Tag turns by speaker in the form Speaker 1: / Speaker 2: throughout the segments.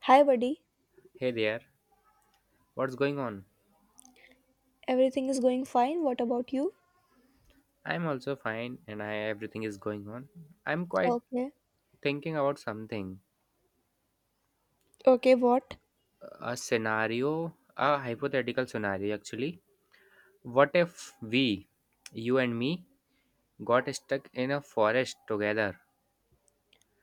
Speaker 1: Hi, buddy.
Speaker 2: Hey there, what's going on?
Speaker 1: Everything is going fine. What about you?
Speaker 2: I'm also fine and everything is going on. I'm quite
Speaker 1: Okay.
Speaker 2: thinking about something.
Speaker 1: Okay, what?
Speaker 2: A scenario, a hypothetical scenario actually. What if we, you and me, got stuck in a forest together?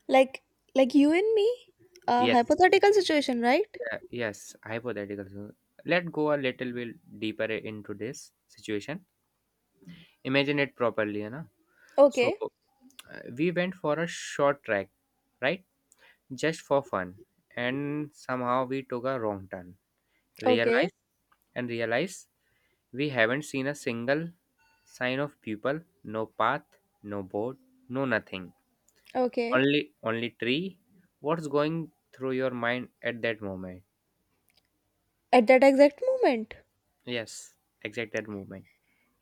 Speaker 1: Like, like you and me? A
Speaker 2: Yes,
Speaker 1: hypothetical situation, right?
Speaker 2: yeah, yes, hypothetical scenario. Let go a little bit deeper into this situation. Imagine it properly. So
Speaker 1: Okay.
Speaker 2: uh, we went for a short trek, right? Just for fun, and somehow we took a wrong turn,
Speaker 1: Okay.
Speaker 2: realize and realize we haven't seen a single sign of people, no path, no boat, no nothing,
Speaker 1: Okay.
Speaker 2: only tree. What's going through your mind at that moment?
Speaker 1: At that exact moment,
Speaker 2: Yes, exact that moment.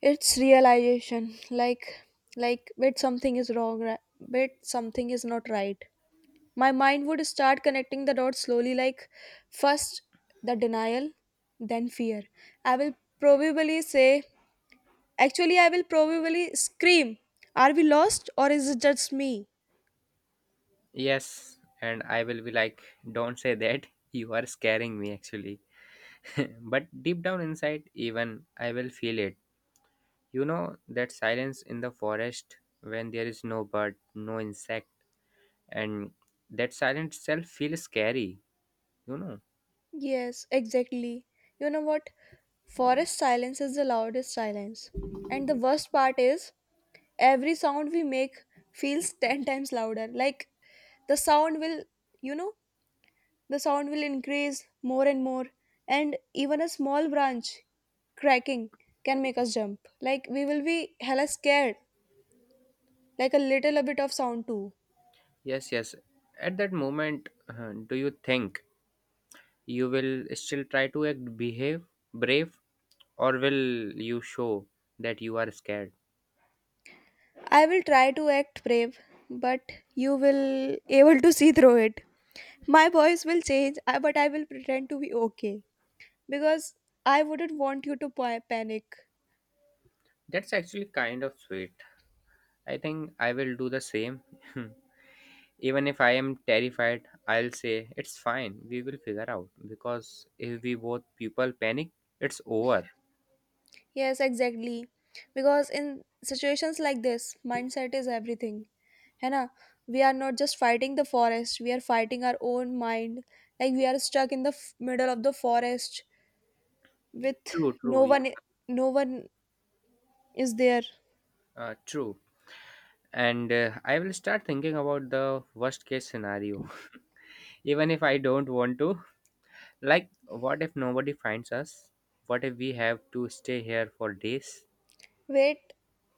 Speaker 1: it's realization. Wait, something is wrong. Right? Wait, something is not right. My mind would start connecting the dots slowly. Like, first the denial, then fear. I will probably say. Actually, I will probably scream, are we lost or is it just me?
Speaker 2: Yes, and I will be like, don't say that you are scaring me actually. But deep down inside, even I will feel it. You know that silence in the forest when there is no bird, no insect, and that silence itself feels scary, you know.
Speaker 1: Yes, exactly. You know what? Forest silence is the loudest silence. And the worst part is, every sound we make feels 10 times louder. Like, the sound will, you know, the sound will increase more and more. And even a small branch cracking can make us jump. Like, we will be hella scared. Like, a bit of sound too.
Speaker 2: Yes, yes. At that moment, do you think you will still try to act behave brave, or will you show that you are scared?
Speaker 1: I will try to act brave, but you will able to see through it. My voice will change, but I will pretend to be okay because I wouldn't want you to panic.
Speaker 2: That's actually kind of sweet. I think I will do the same. Even if I am terrified, I'll say it's fine. We will figure out because if we both people panic, it's over.
Speaker 1: Yes, exactly. Because in situations like this, mindset is everything. है ना? We are not just fighting the forest, we are fighting our own mind. Like we are stuck in the middle of the forest with
Speaker 2: True,
Speaker 1: no
Speaker 2: true, you
Speaker 1: one no one is there.
Speaker 2: true. And I will start thinking about the worst case scenario, even if I don't want to. Like, what if nobody finds us? What if we have to stay here for days?
Speaker 1: Wait,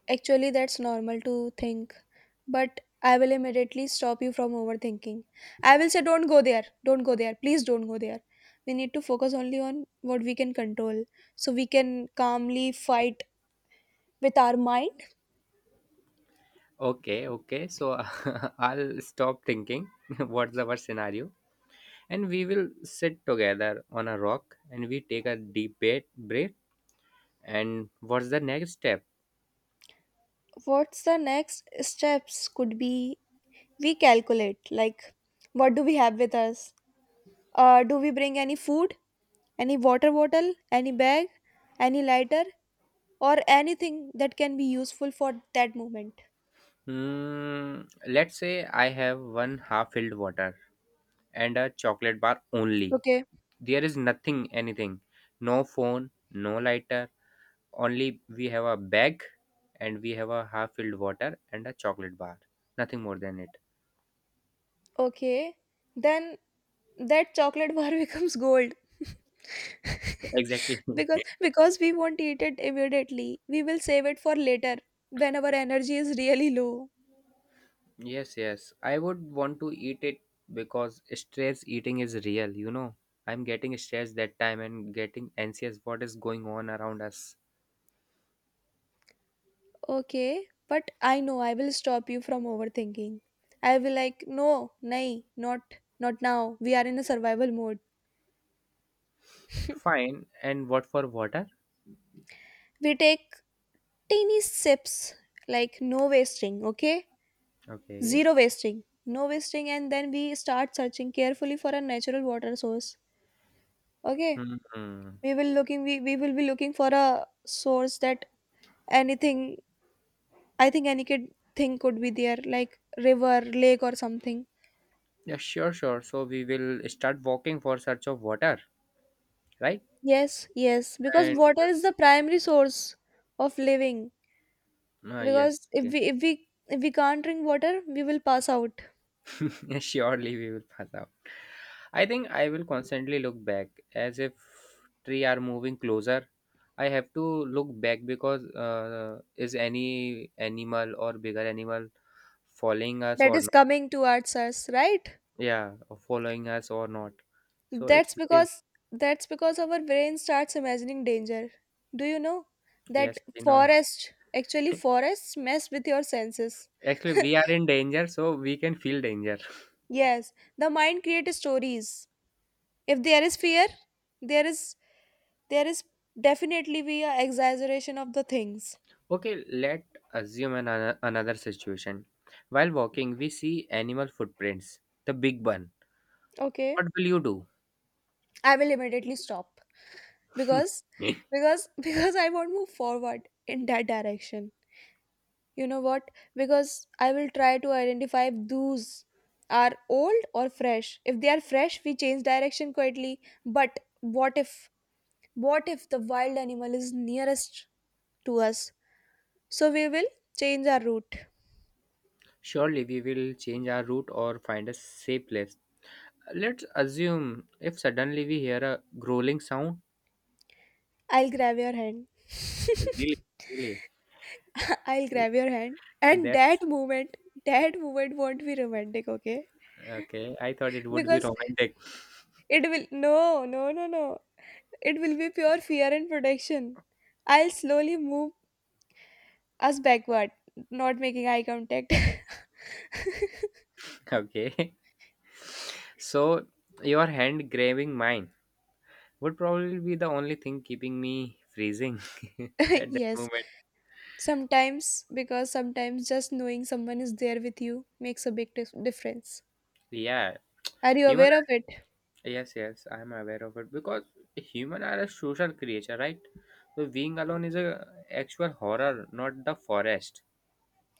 Speaker 1: actually, that's normal to think, but I will immediately stop you from overthinking. I will say, don't go there, please don't go there. We need to focus only on what we can control so we can calmly fight with our mind.
Speaker 2: Okay, okay. So I'll stop thinking. What's the worst scenario? And we will sit together on a rock and we take a deep breath. And what's the next step?
Speaker 1: What's the next steps could be we calculate like what do we have with us? Do we bring any food, any water bottle, any bag, any lighter, or anything that can be useful for that moment?
Speaker 2: Hmm, let's say I have one half filled water and a chocolate bar only.
Speaker 1: Okay.
Speaker 2: There is nothing, anything. No phone, no lighter. Only we have a bag, and we have a half filled water and a chocolate bar. Nothing more than it.
Speaker 1: Okay, then that chocolate bar becomes gold
Speaker 2: Exactly.
Speaker 1: because because we won't eat it immediately, we will save it for later when our energy is really low.
Speaker 2: Yes, yes. I would want to eat it because stress eating is real. I'm getting stressed that time and getting anxious what is going on around us.
Speaker 1: Okay, but I know I will stop you from overthinking. I will like no, nay not now, we are in a survival mode.
Speaker 2: Fine. And what for water?
Speaker 1: We take teeny sips, like no wasting, okay?
Speaker 2: Okay.
Speaker 1: Zero wasting, no wasting, and then we start searching carefully for a natural water source. Okay,
Speaker 2: Hmm.
Speaker 1: we will be looking for a source that, anything, I think any kid thing could be there, like river, lake or something.
Speaker 2: Yeah, sure, sure. So we will start walking for search of water, right?
Speaker 1: Yes, yes, because
Speaker 2: And
Speaker 1: water is the primary source of living.
Speaker 2: Ah, yes.
Speaker 1: Because if
Speaker 2: Yeah.
Speaker 1: we if we if we can't drink water, we will pass out.
Speaker 2: Surely we will pass out. I think I will constantly look back as if tree are moving closer. I have to look back because is any animal or bigger animal following us
Speaker 1: That
Speaker 2: or
Speaker 1: is
Speaker 2: not?
Speaker 1: coming towards us, right?
Speaker 2: Yeah, or following us or not. So it's
Speaker 1: that's
Speaker 2: very,
Speaker 1: because that's because our brain starts imagining danger, do you know? That
Speaker 2: yes.
Speaker 1: forest actually Forests mess with your senses.
Speaker 2: Actually, we are in danger, so we can feel danger.
Speaker 1: Yes, the mind creates stories. If there is fear, there is there is definitely be a exaggeration of the things.
Speaker 2: Okay, let assume another situation. While walking, we see animal footprints, the big one.
Speaker 1: Okay,
Speaker 2: What will you do?
Speaker 1: I will immediately stop because because because I won't move forward in that direction. You know what? Because I will try to identify if those are old or fresh. If they are fresh, we change direction quietly. But what if the wild animal is nearest to us? So we will change our route.
Speaker 2: Surely we will change our route or find a safe place. Let's assume if suddenly we hear a growling sound.
Speaker 1: I'll grab your hand.
Speaker 2: Really, really,
Speaker 1: I'll grab your hand.
Speaker 2: and
Speaker 1: And
Speaker 2: that's
Speaker 1: that moment won't be romantic, okay?
Speaker 2: okay. I thought it would be
Speaker 1: Because
Speaker 2: romantic.
Speaker 1: it will, no, no, no, no. It will be pure fear and protection. I'll slowly move us backward, not making eye contact.
Speaker 2: Okay, so your hand grabbing mine would probably be the only thing keeping me freezing at that
Speaker 1: Yes,
Speaker 2: moment.
Speaker 1: sometimes, because sometimes just knowing someone is there with you makes a big difference.
Speaker 2: Yeah,
Speaker 1: Are you
Speaker 2: human.
Speaker 1: aware of it?
Speaker 2: Yes, yes, I'm aware of it because human are a social creature, right? So being alone is a actual horror, not the forest.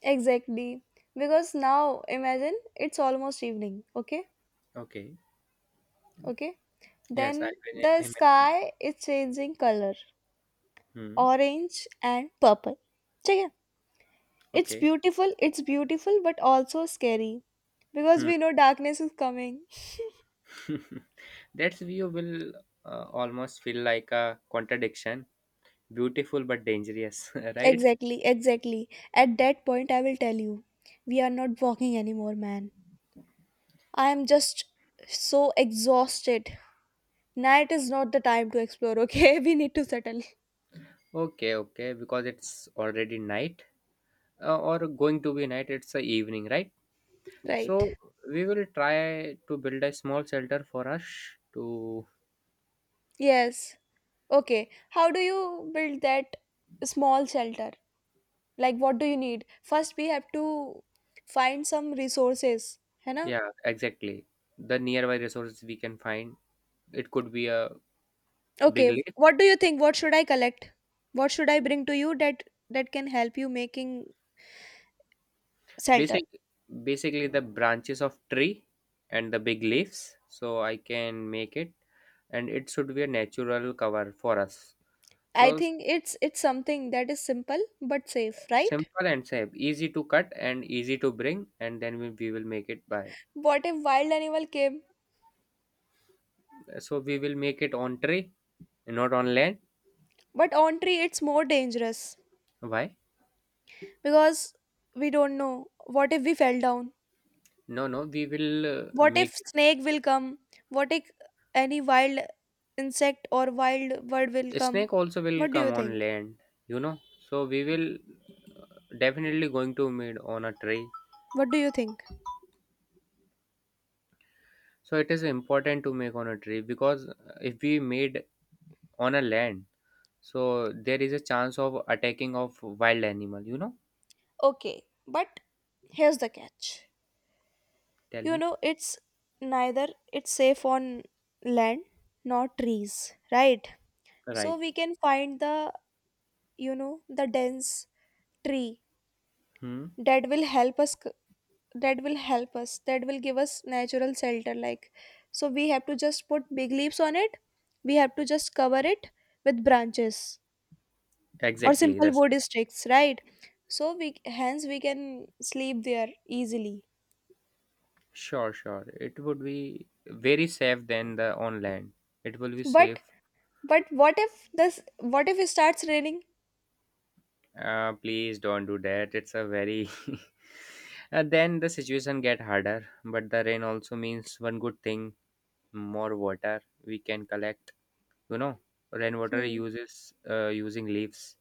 Speaker 1: Exactly. Because now, imagine it's almost evening, okay?
Speaker 2: Okay.
Speaker 1: Okay.
Speaker 2: Yes, I
Speaker 1: Then the
Speaker 2: mean,
Speaker 1: sky is changing color,
Speaker 2: hmm,
Speaker 1: orange and purple. ठीक है?
Speaker 2: okay.
Speaker 1: It's beautiful but also scary because
Speaker 2: Hmm.
Speaker 1: we know darkness is coming.
Speaker 2: That view will almost feel like a contradiction, beautiful but dangerous, right?
Speaker 1: Exactly, exactly. At that point, I will tell you, we are not walking anymore, man. I am just so exhausted. Night is not the time to explore, okay? We need to settle.
Speaker 2: Okay, okay, because it's already night, or going to be night, it's the evening, right? So
Speaker 1: Right.
Speaker 2: we will try to build a small shelter for us to,
Speaker 1: Yes. Okay. How do you build that small shelter? Like, what do you need? First we have to find some resources. है ना?
Speaker 2: yeah, exactly. The nearby resources we can find, it could be a
Speaker 1: Okay,
Speaker 2: big lake.
Speaker 1: what do you think, what should I collect, what should I bring to you that that can help you making shelter?
Speaker 2: Basic basically the branches of tree and the big leaves, so I can make it, and it should be a natural cover for us,
Speaker 1: I
Speaker 2: so
Speaker 1: think it's something that is simple but safe, right?
Speaker 2: simple and safe, easy to cut and easy to bring, and then we will make it by.
Speaker 1: What if wild animal came?
Speaker 2: So we will make it on tree, not on land.
Speaker 1: But on tree it's more dangerous
Speaker 2: Why?
Speaker 1: because we don't know, what if we fell down,
Speaker 2: No, no, we will
Speaker 1: what if
Speaker 2: make
Speaker 1: snake will come, what if any wild insect or wild bird will
Speaker 2: it.
Speaker 1: come?
Speaker 2: Snake also will
Speaker 1: What do
Speaker 2: come
Speaker 1: you
Speaker 2: on
Speaker 1: think?
Speaker 2: land you know so we will definitely going to made on a tree.
Speaker 1: What do you think?
Speaker 2: So it is important to make on a tree because if we made on a land, so there is a chance of attacking of wild animal.
Speaker 1: Okay, but here's the catch.
Speaker 2: Tell
Speaker 1: You
Speaker 2: me.
Speaker 1: know, it's neither it's safe on land nor trees, right? So
Speaker 2: Right.
Speaker 1: we can find the, you know, the dense tree
Speaker 2: Hmm.
Speaker 1: that will help us that will give us natural shelter, like so we have to just put big leaves on it. We have to just cover it with branches or
Speaker 2: Exactly
Speaker 1: simple
Speaker 2: the
Speaker 1: wood
Speaker 2: same.
Speaker 1: sticks, right? So we hence we can sleep there easily.
Speaker 2: Sure, sure, it would be very safe than the on land. It will be
Speaker 1: But
Speaker 2: safe.
Speaker 1: But what if this what if it starts raining?
Speaker 2: Please don't do that, it's a very and then the situation get harder. But the rain also means one good thing, more water. We can collect, you know rainwater
Speaker 1: Hmm.
Speaker 2: uses using leaves,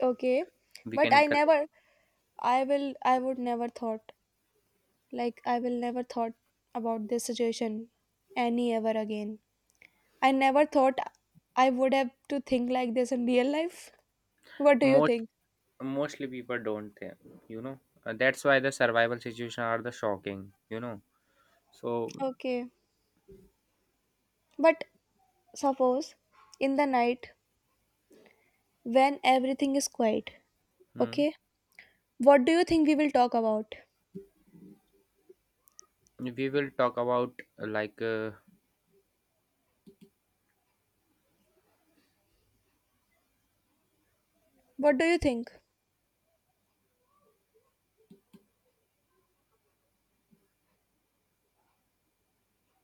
Speaker 1: Okay.
Speaker 2: we
Speaker 1: But
Speaker 2: can collect.
Speaker 1: I would never thought, like I will never thought about this situation any ever again. I never thought I would have to think like this in real life. What do you
Speaker 2: more
Speaker 1: think?
Speaker 2: mostly people don't think you know that's why the survival situation are the shocking. So
Speaker 1: Okay. But suppose in the night when everything is quiet,
Speaker 2: mm,
Speaker 1: okay? What do you think we will talk about?
Speaker 2: we will talk about like
Speaker 1: What do you think?